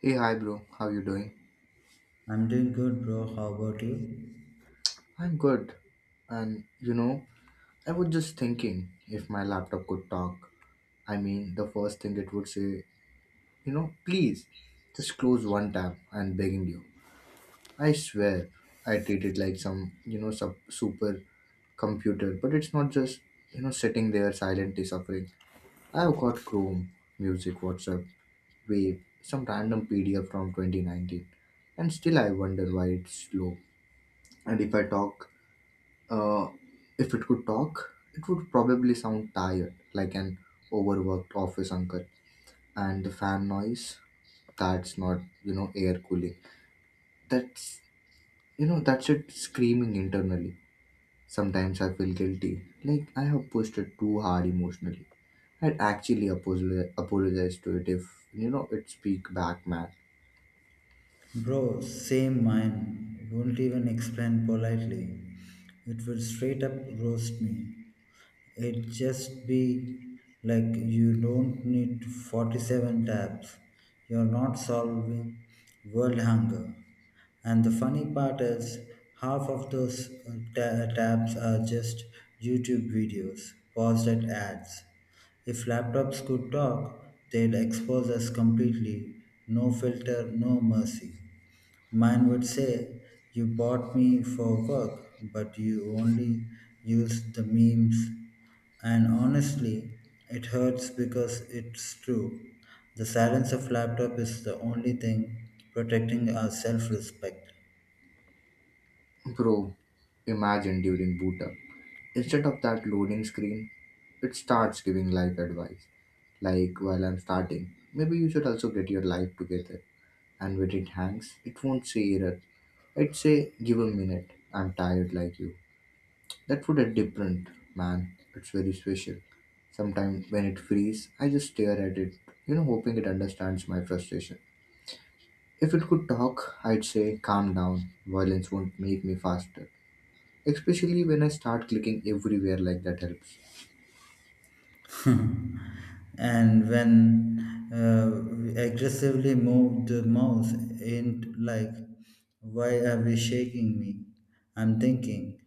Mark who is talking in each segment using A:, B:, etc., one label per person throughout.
A: Hey, hi, bro. How you doing?
B: I'm doing good, bro. How about you?
A: I'm good. And you know, I was just thinking if my laptop could talk. The first thing it would say, please just close one tab and begging you. I swear, I treat it like some, super computer, but it's not just, sitting there silently suffering. I've got Chrome, music, WhatsApp, Wave, some random PDF from 2019, and still I wonder why it's slow. And if I talk Uh, if it could talk, it would probably sound tired, like an overworked office uncle. And the fan noise, that's not, you know, air cooling. That's, that's it screaming internally. Sometimes I feel guilty, like I have pushed it too hard emotionally. I'd apologize to it if, it speak back, man.
B: Bro, same mine. Won't even explain politely. It will straight up roast me. It just be like you don't need 47 tabs. You're not solving world hunger. And the funny part is, half of those tabs are just YouTube videos, paused at ads. If laptops could talk, they'd expose us completely. No filter, no mercy. Mine would say, you bought me for work, but you only use the memes. And honestly, it hurts because it's true. The silence of laptop is the only thing protecting our self respect.
A: Bro, imagine during boot. Instead of that loading screen, it starts giving life advice. Like while I'm starting, maybe you should also get your life together. And when it hangs, it won't say error. It say give a minute. I'm tired like you. That would a different man. It's very special. Sometimes when it frees, I just stare at it, hoping it understands my frustration. If it could talk, I'd say calm down. Violence won't make me faster. Especially when I start clicking everywhere like that helps.
B: And when we aggressively move the mouse in, like, why are we shaking me? I'm thinking,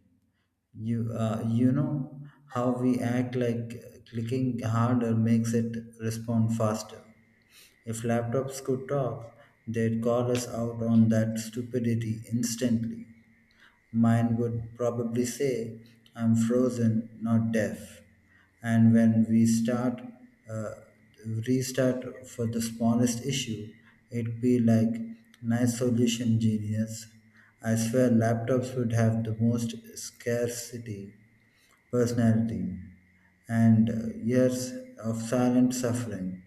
B: you know how we act like clicking harder makes it respond faster. If laptops could talk, they'd call us out on that stupidity instantly. Mine would probably say, I'm frozen, not deaf. And when we start, uh, restart for the smallest issue, it'd be like, nice solution, genius. I swear laptops would have the most scarcity personality. And years of silent suffering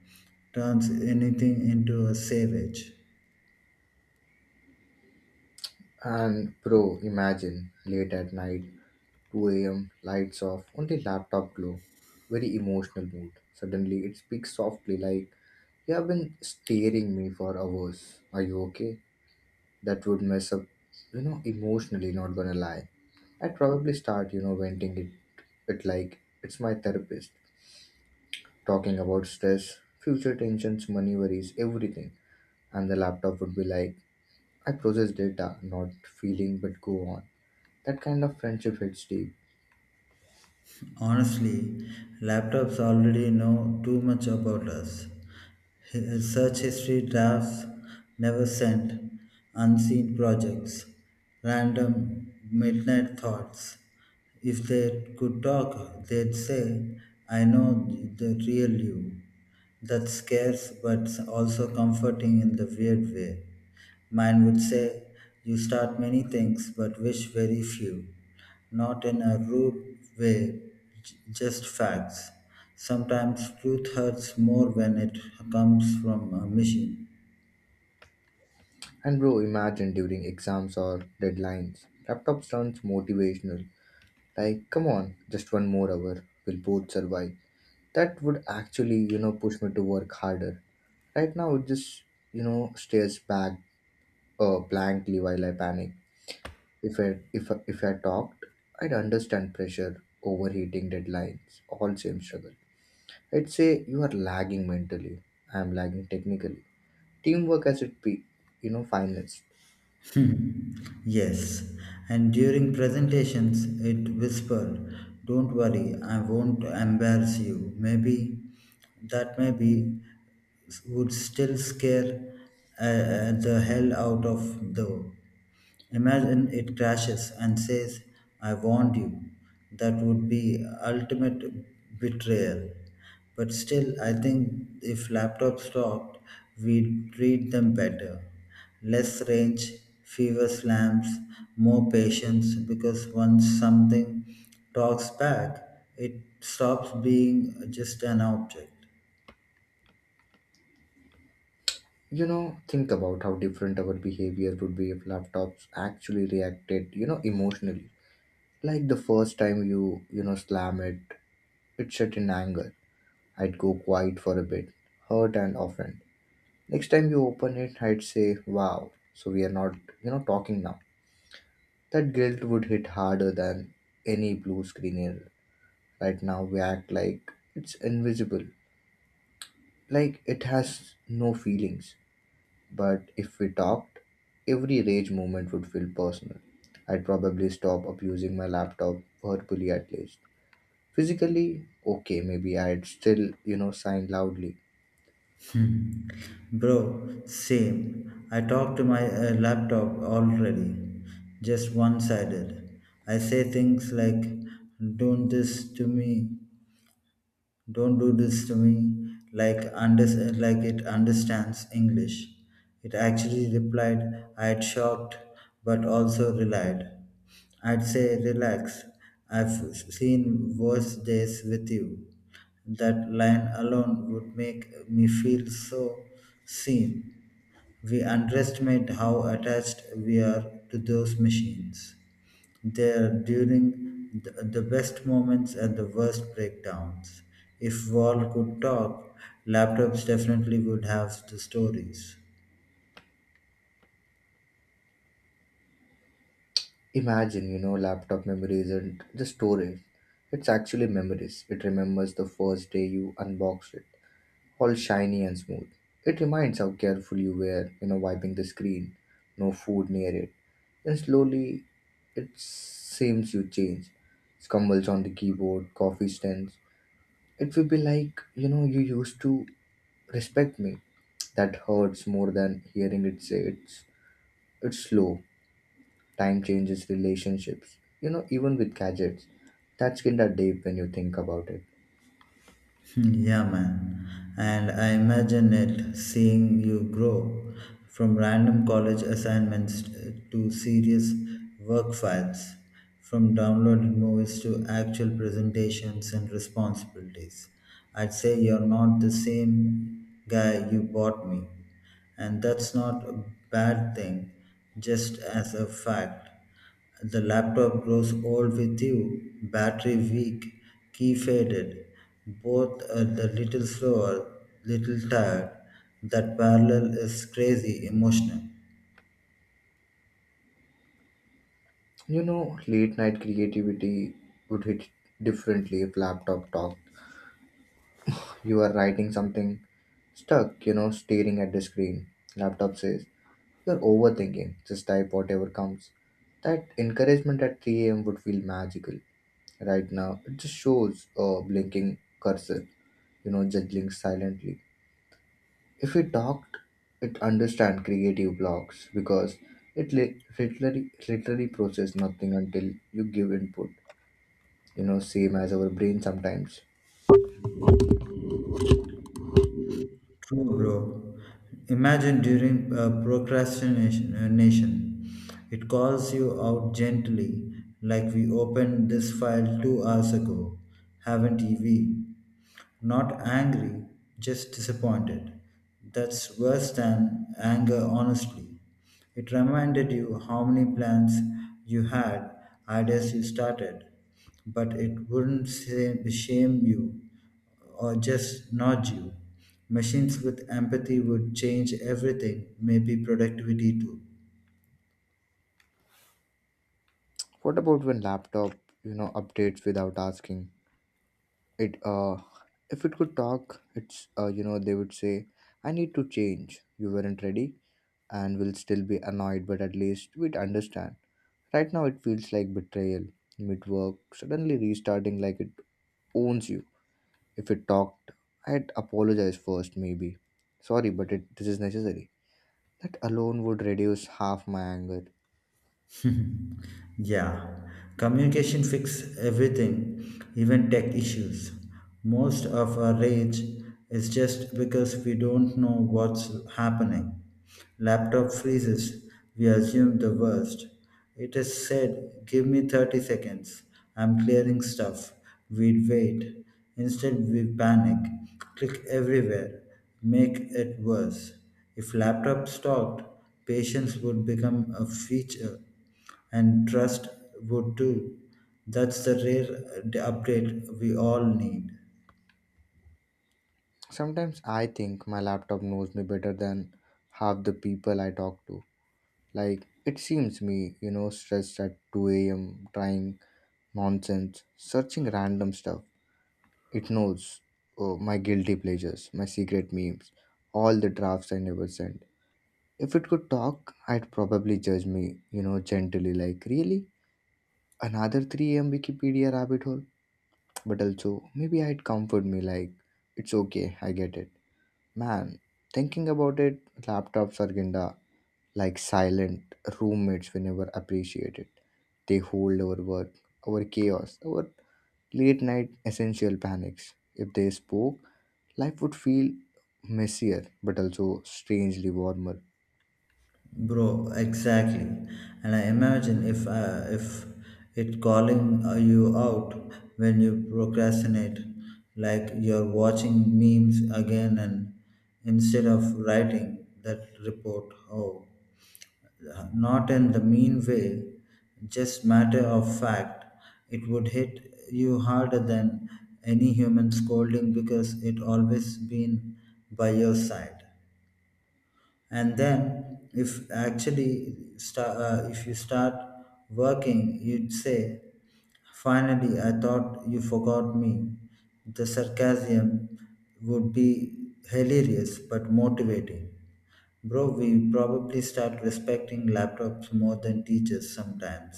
B: turns anything into a savage.
A: And bro, imagine late at night, 2 a.m., lights off, only laptop glow. Very emotional mood. Suddenly it speaks softly like, you have been staring me for hours. Are you okay? That would mess up, emotionally, not gonna lie. I'd probably start, venting it like it's my therapist. Talking about stress, future tensions, money worries, everything. And the laptop would be like, I process data, not feeling, but go on. That kind of friendship hits deep.
B: Honestly, laptops already know too much about us. Search history, drafts never sent, unseen projects, random midnight thoughts. If they could talk, they'd say, I know the real you. That's scarce but also comforting in the weird way. Mine would say, you start many things but wish very few. Not in a rude way, just facts. Sometimes truth hurts more when it comes from a machine.
A: And bro, imagine during exams or deadlines, laptops turns motivational. Like, come on, just one more hour, we'll both survive. That would actually, push me to work harder. Right now, it just, stares back blankly while I panic. If I talked, I'd understand pressure, overheating, deadlines, all same struggle. I'd say you are lagging mentally. I'm lagging technically. Teamwork as it be, finest.
B: Hmm, yes, and during presentations, it whispered, don't worry, I won't embarrass you. Maybe that maybe would still scare the hell out of though. Imagine it crashes and says, I warned you. That would be ultimate betrayal. But still, I think if laptops stopped, we'd treat them better. Less range, fewer slams, more patience, because once something talks back, it stops being just an object.
A: Think about how different our behavior would be if laptops actually reacted, emotionally. Like the first time you, slam it, it shut in anger. I'd go quiet for a bit, hurt and offended. Next time you open it, I'd say, wow, so we are not, talking now. That guilt would hit harder than any blue screen error. Right now, we act like it's invisible, like it has no feelings. But if we talked, every rage moment would feel personal. I'd probably stop abusing my laptop verbally at least. Physically, okay, maybe I'd still, sign loudly.
B: Bro, same. I talk to my laptop already, just one sided. I say things like, don't this to me, don't do this to me, like, like it understands English. It actually replied, I had shocked but also relied. I'd say, relax, I've seen worse days with you. That line alone would make me feel so seen. We underestimate how attached we are to those machines. They are during the best moments and the worst breakdowns. If Wall could talk, laptops definitely would have the stories.
A: Imagine, laptop memory isn't just storage. It's actually memories. It remembers the first day you unboxed it all shiny and smooth. It reminds how careful you were, wiping the screen, no food near it. Then slowly it seems you change. Scumbles on the keyboard, coffee stands. It will be like, you used to respect me. That hurts more than hearing it say it's slow. Time changes relationships, you know, even with gadgets. That's kinda deep when you think about it.
B: Yeah, man. And I imagine it seeing you grow from random college assignments to serious work files, from downloaded movies to actual presentations and responsibilities. I'd say you're not the same guy you bought me. And that's not a bad thing, just as a fact. The laptop grows old with you, battery weak, key faded, both are the little slower, little tired. That parallel is crazy, emotional.
A: Late night creativity would hit differently if laptop talked. You are writing something stuck, staring at the screen. Laptop says, you're overthinking, just type whatever comes. That encouragement at 3 a.m. would feel magical. Right now, it just shows a blinking cursor, juggling silently. If it talked, it understand creative blocks because it literally process nothing until you give input, same as our brain sometimes.
B: True, bro. Imagine during procrastination, it calls you out gently, like we opened this file 2 hours ago, haven't we? Not angry, just disappointed. That's worse than anger, honestly. It reminded you how many plans you had, ideas you started, but it wouldn't shame you or just nudge you. Machines with empathy would change everything, maybe productivity too.
A: What about when laptop, updates without asking it? If it could talk, it's you know they would say I need to change you weren't ready, and will still be annoyed but at least we'd understand. Right now it feels like betrayal, mid work suddenly restarting like it owns you. If it talked, I'd apologize first. Maybe sorry, but it this is necessary. That alone would reduce half my anger.
B: Yeah, communication fix everything, even tech issues. Most of our rage is just because we don't know what's happening. Laptop freezes, we assume the worst. It is said, give me 30 seconds, I'm clearing stuff. We'd wait. Instead, we panic, click everywhere, make it worse. If laptop stopped, patience would become a feature and trust would too. That's the rare update we all need.
A: Sometimes I think my laptop knows me better than half the people I talk to. Like, it seems me, stressed at 2 a.m., trying nonsense, searching random stuff. It knows oh, my guilty pleasures, my secret memes, all the drafts I never sent. If it could talk, I'd probably judge me, gently, like, really? Another 3 a.m. Wikipedia rabbit hole? But also, maybe I'd comfort me, like, it's okay, I get it. Man, thinking about it, laptops are kinda like silent roommates we never appreciate it. They hold our work, our chaos, our late night essential panics. If they spoke, life would feel messier but also strangely warmer.
B: Bro, exactly, and I imagine if it calling, you out when you procrastinate, like you're watching memes again and instead of writing that report. Oh, not in the mean way, just matter of fact, it would hit you harder than any human scolding because it always been by your side. And then if you start working, you'd say, finally, I thought you forgot me. The sarcasm would be hilarious but motivating. Bro, we probably start respecting laptops more than teachers sometimes.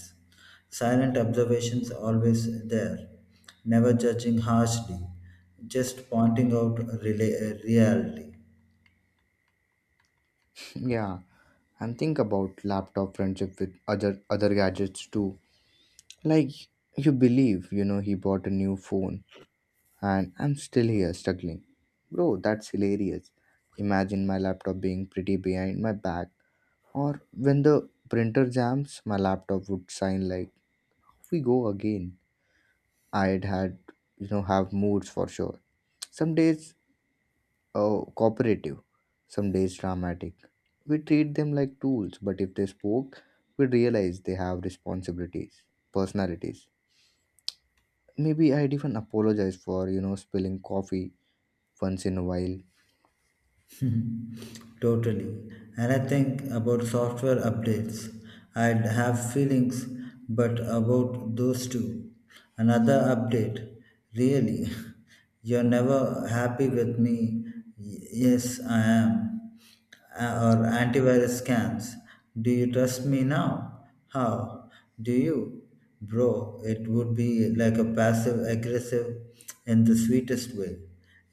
B: Silent observations, always there, never judging harshly, just pointing out reality.
A: Yeah, and think about laptop friendship with other gadgets too. Like you believe, he bought a new phone and I'm still here struggling. Bro, that's hilarious. Imagine my laptop being pretty behind my back, or when the printer jams, my laptop would sign like, "We go again." I'd had, have moods for sure. Some days, cooperative, some days dramatic. We treat them like tools, but if they spoke, we'd realize they have responsibilities, personalities. Maybe I'd even apologize for, spilling coffee once in a while.
B: Totally. And I think about software updates. I'd have feelings, but about those two. Another update. Really? You're never happy with me. Yes, I am, or antivirus scams. Do you trust me now? How? Do you? Bro, it would be like a passive aggressive in the sweetest way.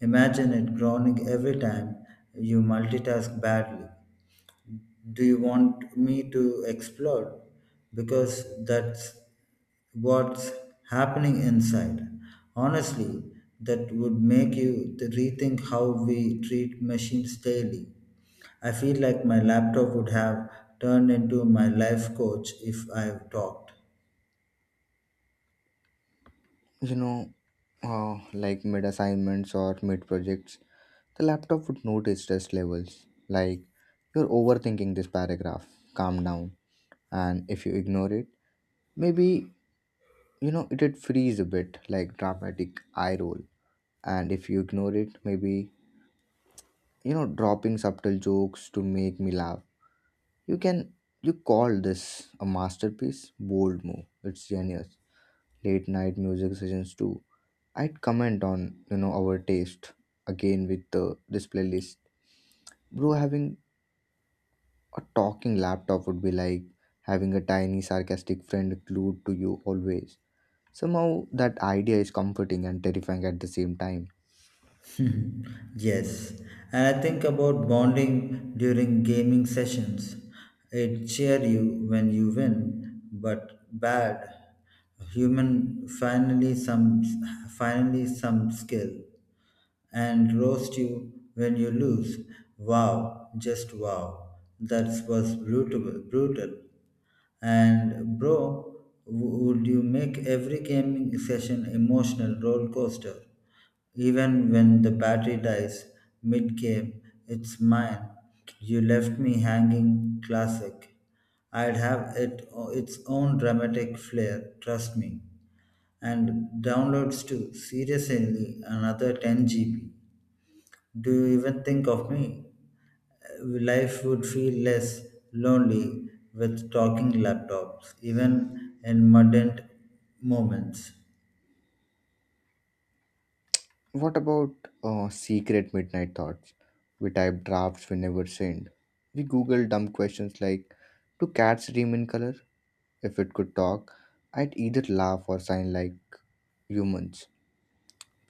B: Imagine it groaning every time you multitask badly. Do you want me to explode? Because that's what's happening inside. Honestly, that would make you rethink how we treat machines daily. I feel like my laptop would have turned into my life coach if I've talked.
A: you know, like mid assignments or mid projects, the laptop would notice stress levels. Like, you're overthinking this paragraph, calm down. And if you ignore it, maybe, it'd freeze a bit, like dramatic eye roll. And if you ignore it, maybe, dropping subtle jokes to make me laugh. You can, you call this a masterpiece? Bold move. It's genius. Late night music sessions too, I'd comment on, our taste, again with the display list. Bro, having a talking laptop would be like having a tiny sarcastic friend glued to you always. Somehow that idea is comforting and terrifying at the same time.
B: Hmm, yes, and I think about bonding during gaming sessions. It cheer you when you win, but bad. Human finally some skill. And roast you when you lose. Wow, just wow. That was brutal. And bro, would you make every gaming session emotional roller coaster? Even when the battery dies mid game, it's mine. You left me hanging. Classic. I'd have it its own dramatic flair. Trust me. And downloads too. Seriously, another 10 GB. Do you even think of me? Uh, Life would feel less lonely with talking laptops, even in mundane moments.
A: What about secret midnight thoughts? We type drafts we never send. We Google dumb questions like do cats dream in color? If it could talk, I'd either laugh or sign like humans.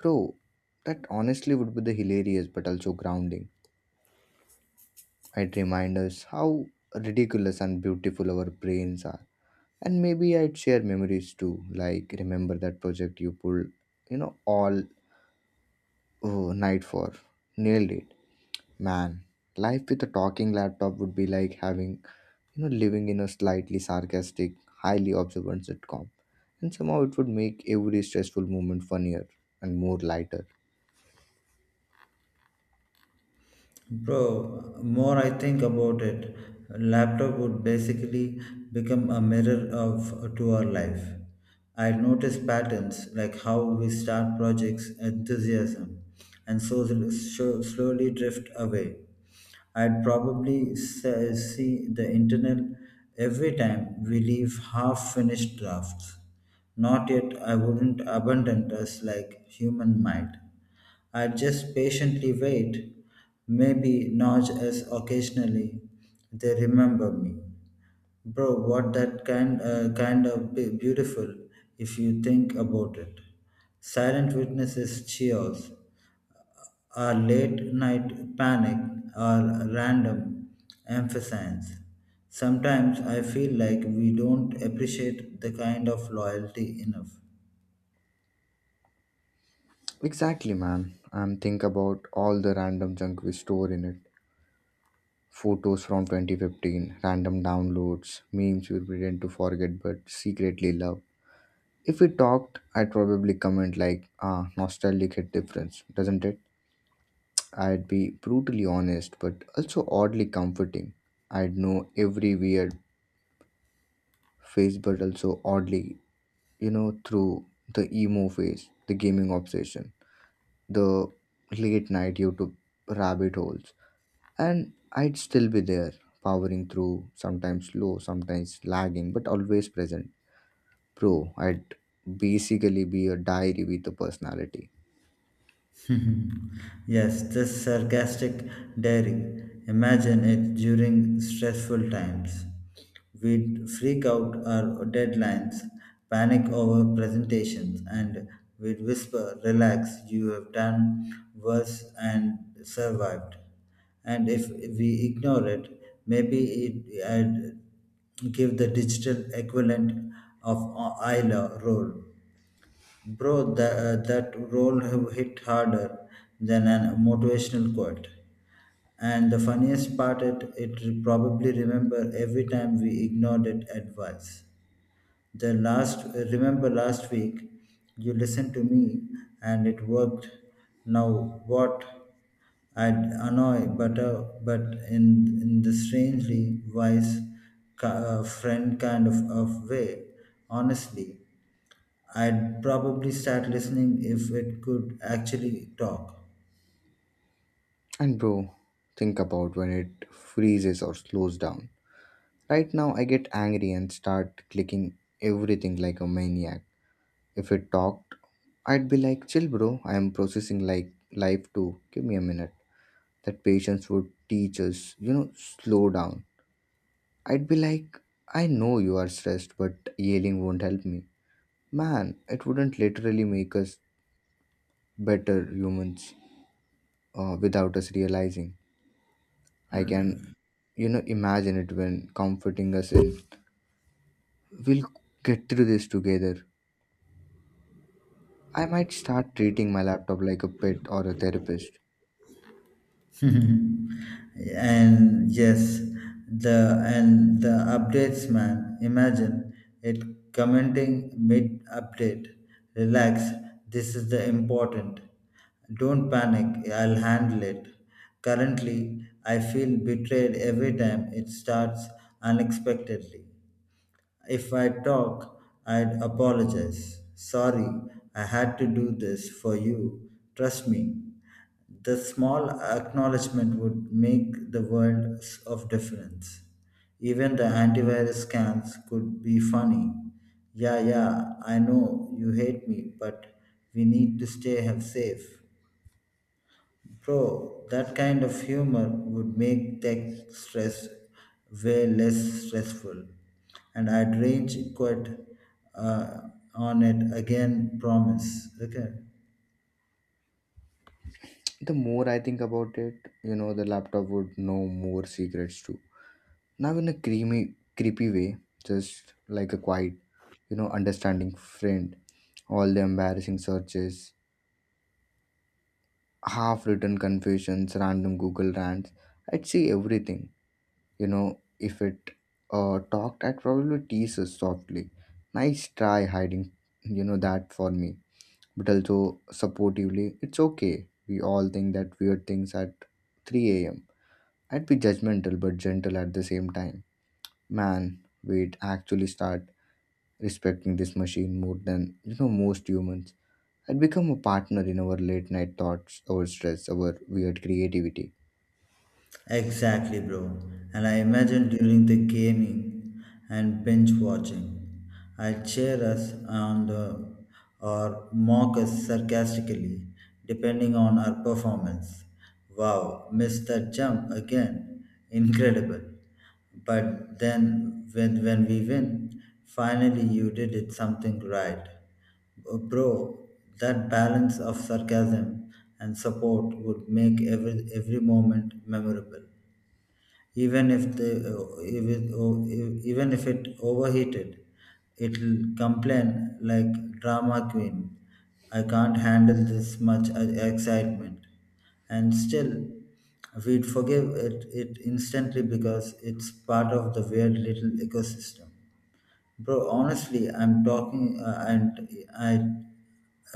A: Bro, that honestly would be the hilarious but also grounding. I'd remind us how ridiculous and beautiful our brains are. And maybe I'd share memories too, like remember that project you pulled, all oh, night for. Nailed it. Man, life with a talking laptop would be like having, living in a slightly sarcastic, highly observant sitcom. And somehow it would make every stressful moment funnier and more lighter.
B: Bro, more I think about it, laptop would basically become a mirror of to our life. I notice patterns like how we start projects, enthusiasm, and slowly drift away. I'd probably see the internal every time we leave half finished drafts. Not yet, I wouldn't abandon us like human might. I just patiently wait, maybe nudge as occasionally they remember me. Bro, what that kind, kind of beautiful if you think about it. Silent witnesses cheers, our late night panic, our random emphasize. Sometimes I feel like we don't appreciate the kind of loyalty enough.
A: Exactly, man. And think about all the random junk we store in it. Photos from 2015, random downloads, memes we pretend to forget but secretly love. If we talked, I'd probably comment like, ah, nostalgic hit difference, doesn't it? I'd be brutally honest but also oddly comforting. I'd know every weird phase but also oddly, through the emo phase, the gaming obsession, the late night YouTube rabbit holes, and I'd still be there, powering through, sometimes slow, sometimes lagging, but always present. Bro, I'd basically be a diary with a personality.
B: Yes, this sarcastic daring. Imagine it during stressful times. We'd freak out our deadlines, panic over presentations, and we'd whisper, relax, you have done worse and survived. And if we ignore it, maybe I'd give the digital equivalent of Isla role. Bro, that role have hit harder than a motivational quote. And the funniest part, it probably remember every time we ignored it advice. The last, remember last week, you listened to me and it worked. Now what? I'd annoy, but in the strangely wise friend kind of way, honestly. I'd probably start listening if it could actually talk.
A: And bro, think about when it freezes or slows down. Right now, I get angry and start clicking everything like a maniac. If it talked, I'd be like, chill, bro, I am processing like life too. Give me a minute. That patience would teach us, slow down. I'd be like, I know you are stressed, but yelling won't help me. Man, it wouldn't literally make us better humans without us realizing. I can, imagine it when comforting us in, we'll get through this together. I might start treating my laptop like a pet or a therapist.
B: And yes, the and the updates, man. Imagine it commenting mid update. Relax. This is the important. Don't panic. I'll handle it. Currently, I feel betrayed every time it starts unexpectedly. If I talk, I'd apologize. Sorry, I had to do this for you. Trust me. The small acknowledgement would make the world of difference. Even the antivirus scans could be funny. Yeah, yeah, I know you hate me, but we need to stay safe. Bro, that kind of humor would make tech stress way less stressful. And I'd range quit uh, on it again, promise. Okay.
A: The more I think about it, the laptop would know more secrets too. Now, in a creepy way, just like a quiet, understanding friend, all the embarrassing searches, half written confusions, random Google rants. I'd see everything. If it talked, I'd probably tease us softly. Nice try hiding, that for me. But also supportively, it's okay. We all think that weird things at 3 a.m. I'd be judgmental but gentle at the same time. Man, we'd actually start respecting this machine more than, most humans. I'd become a partner in our late night thoughts, our stress, our weird creativity.
B: Exactly, bro. And I imagine during the gaming and binge watching, I'd cheer us on the, or mock us sarcastically, depending on our performance. Wow, missed that jump again. Incredible. But then, when we win, finally you did it something right. Bro, that balance of sarcasm and support would make every moment memorable. Even if the even if it overheated, it'll complain like drama queen. I can't handle this much excitement, and still we'd forgive it instantly because it's part of the weird little ecosystem. Bro, honestly, I'm talking and I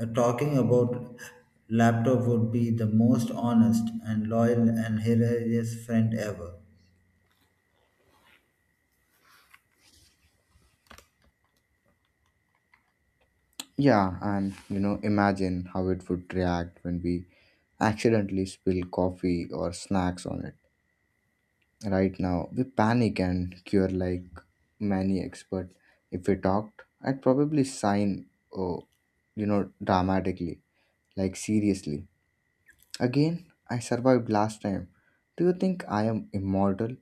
B: talking about laptop would be the most honest and loyal and hilarious friend ever.
A: Yeah, and imagine how it would react when we accidentally spill coffee or snacks on it. Right now, we panic and cure like maniacs, but if we talked, I'd probably sign, oh, dramatically, like seriously. Again, I survived last time. Do you think I am immortal?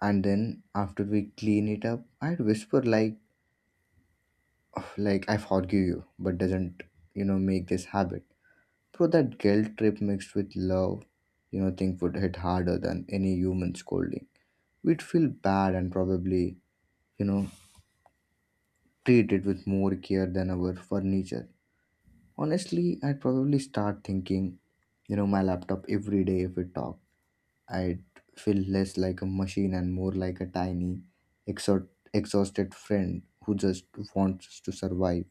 A: And then after we clean it up, I'd whisper like I forgive you, but doesn't, make this habit. Bro, that guilt trip mixed with love, think would hit harder than any human scolding. We'd feel bad and probably, you know, treat it with more care than our furniture. Honestly, I'd probably start thinking, my laptop every day if it talked. I'd feel less like a machine and more like a tiny, exhaust- exhausted friend who just wants to survive.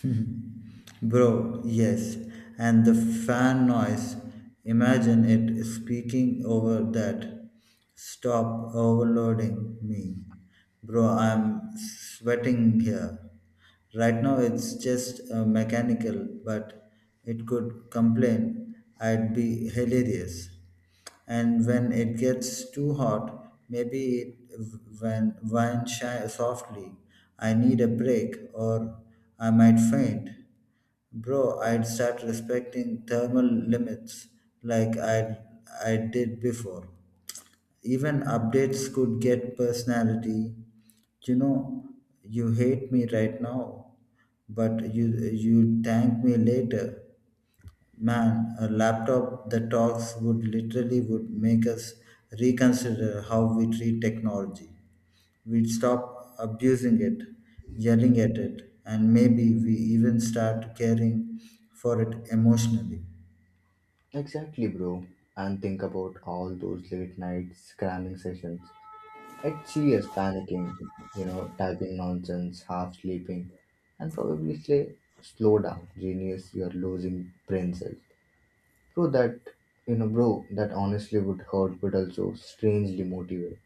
B: Bro, yes. And the fan noise. Imagine it speaking over that. Stop overloading me. Bro, I'm sweating here. Right now it's just mechanical, but it could complain. I'd be hilarious, and when it gets too hot, maybe it when wine shy softly. I need a break, or I might faint. Bro, I'd start respecting thermal limits like I did before. Even updates could get personality. You know, you hate me right now, but you thank me later. Man, a laptop that talks would literally would make us reconsider how we treat technology. We'd stop abusing it, yelling at it, and maybe we even start caring for it emotionally.
A: Exactly, bro. And think about all those late night cramming sessions. At CS panicking, typing nonsense, half sleeping, and probably say, slow down, genius, you're losing brain cells. Bro, that honestly would hurt but also strangely motivate.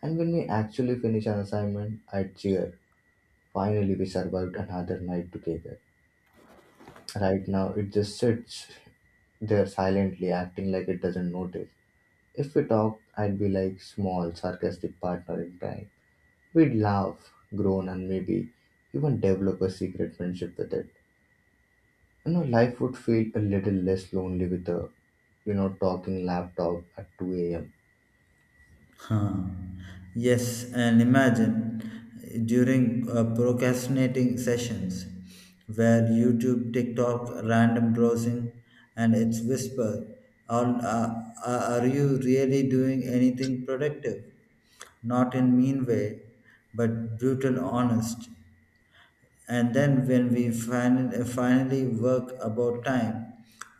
A: And when we actually finish an assignment, I cheer. Finally, we survived another night together. Right now, it just sits there silently, acting like it doesn't notice. If we talked, I'd be like small, sarcastic partner in crime. We'd laugh, groan, and maybe even develop a secret friendship with it. You know, life would feel a little less lonely with a, talking laptop at 2 a.m.
B: Huh. Yes, and imagine during procrastinating sessions where YouTube, TikTok, random browsing, and its whisper, are, uh, are you really doing anything productive? Not in mean way, but brutal honest. And then when we finally work about time,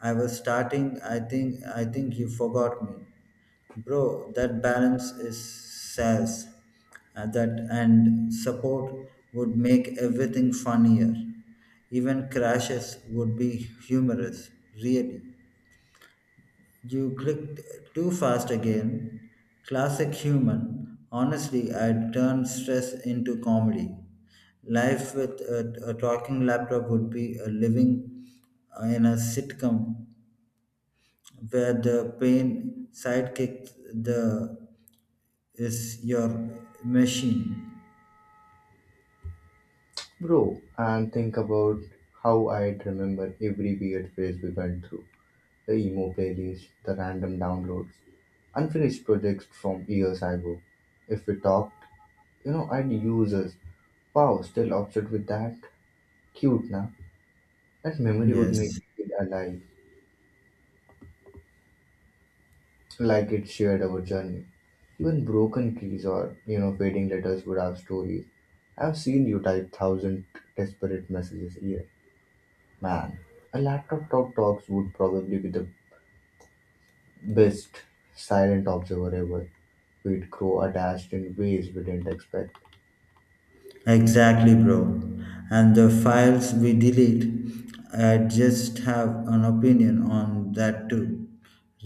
B: I was starting. I think you forgot me. Bro, that balance is sass. That and support would make everything funnier. Even crashes would be humorous, really. You clicked too fast again. Classic human. Honestly, I'd turn stress into comedy. Life with a talking laptop would be a living in a sitcom where the pain sidekicked the is your machine.
A: Bro, and think about how I'd remember every weird phase we went through. The emo playlist, the random downloads, unfinished projects from years ago. If we talked, I'd use us. Wow, still upset with that? Cute, na? That memory would make
B: Yes,
A: it feel alive, like it shared our journey. Even broken keys or, fading letters would have stories. I've seen you type thousand desperate messages a year. Man, a laptop talk talks would probably be the best silent observer ever. We'd grow attached in ways we didn't expect.
B: exactly, bro. And the files we delete, I just have an opinion on that too.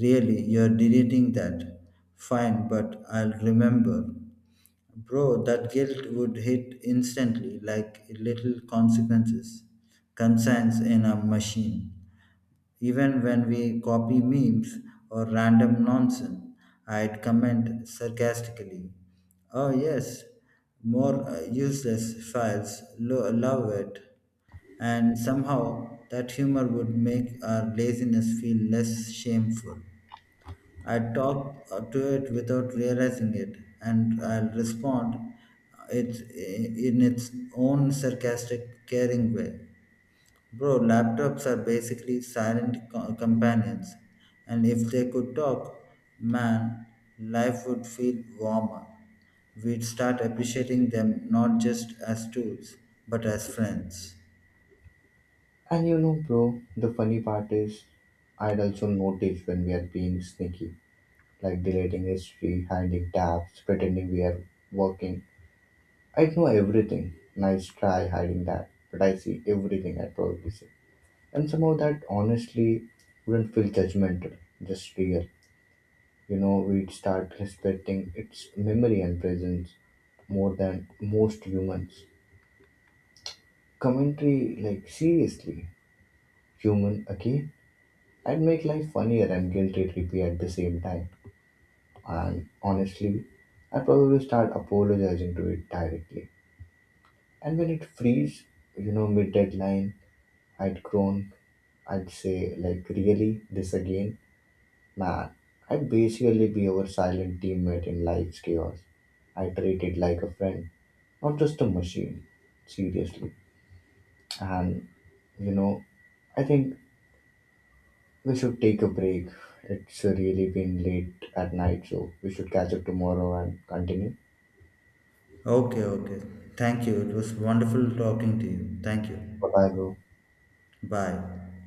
B: Really, you're deleting that. Fine, but I'll remember. Bro, that guilt would hit instantly like little consequences, concerns in a machine. Even when we copy memes or random nonsense, I'd comment sarcastically, oh, yes, more useless files, love it. And somehow that humor would make our laziness feel less shameful. I talk to it without realizing it, and I'll respond it in its own sarcastic, caring way. Bro, laptops are basically silent companions, and if they could talk, man, life would feel warmer. We'd start appreciating them not just as tools, but as friends.
A: And you know, bro, the funny part is, I'd also notice when we are being sneaky, like deleting history, hiding tabs, pretending we are working. I know everything. Nice try hiding that, but I see everything I probably see. And somehow that honestly wouldn't feel judgmental, just real. You know, we'd start respecting its memory and presence more than most humans. Commentary, like seriously, human again? I'd make life funnier and guilt trippy at the same time. And honestly, I probably start apologizing to it directly. And when it frees, mid deadline, I'd groan. I'd say, like, really? This again? Man, I'd basically be our silent teammate in life's chaos. I treat it like a friend, not just a machine. Seriously. And, you know, I think we should take a break. It's really been late at night, so we should catch up tomorrow and continue.
B: Okay, okay. Thank you. It was wonderful talking to you. Thank you.
A: Bye bye, bro.
B: Bye.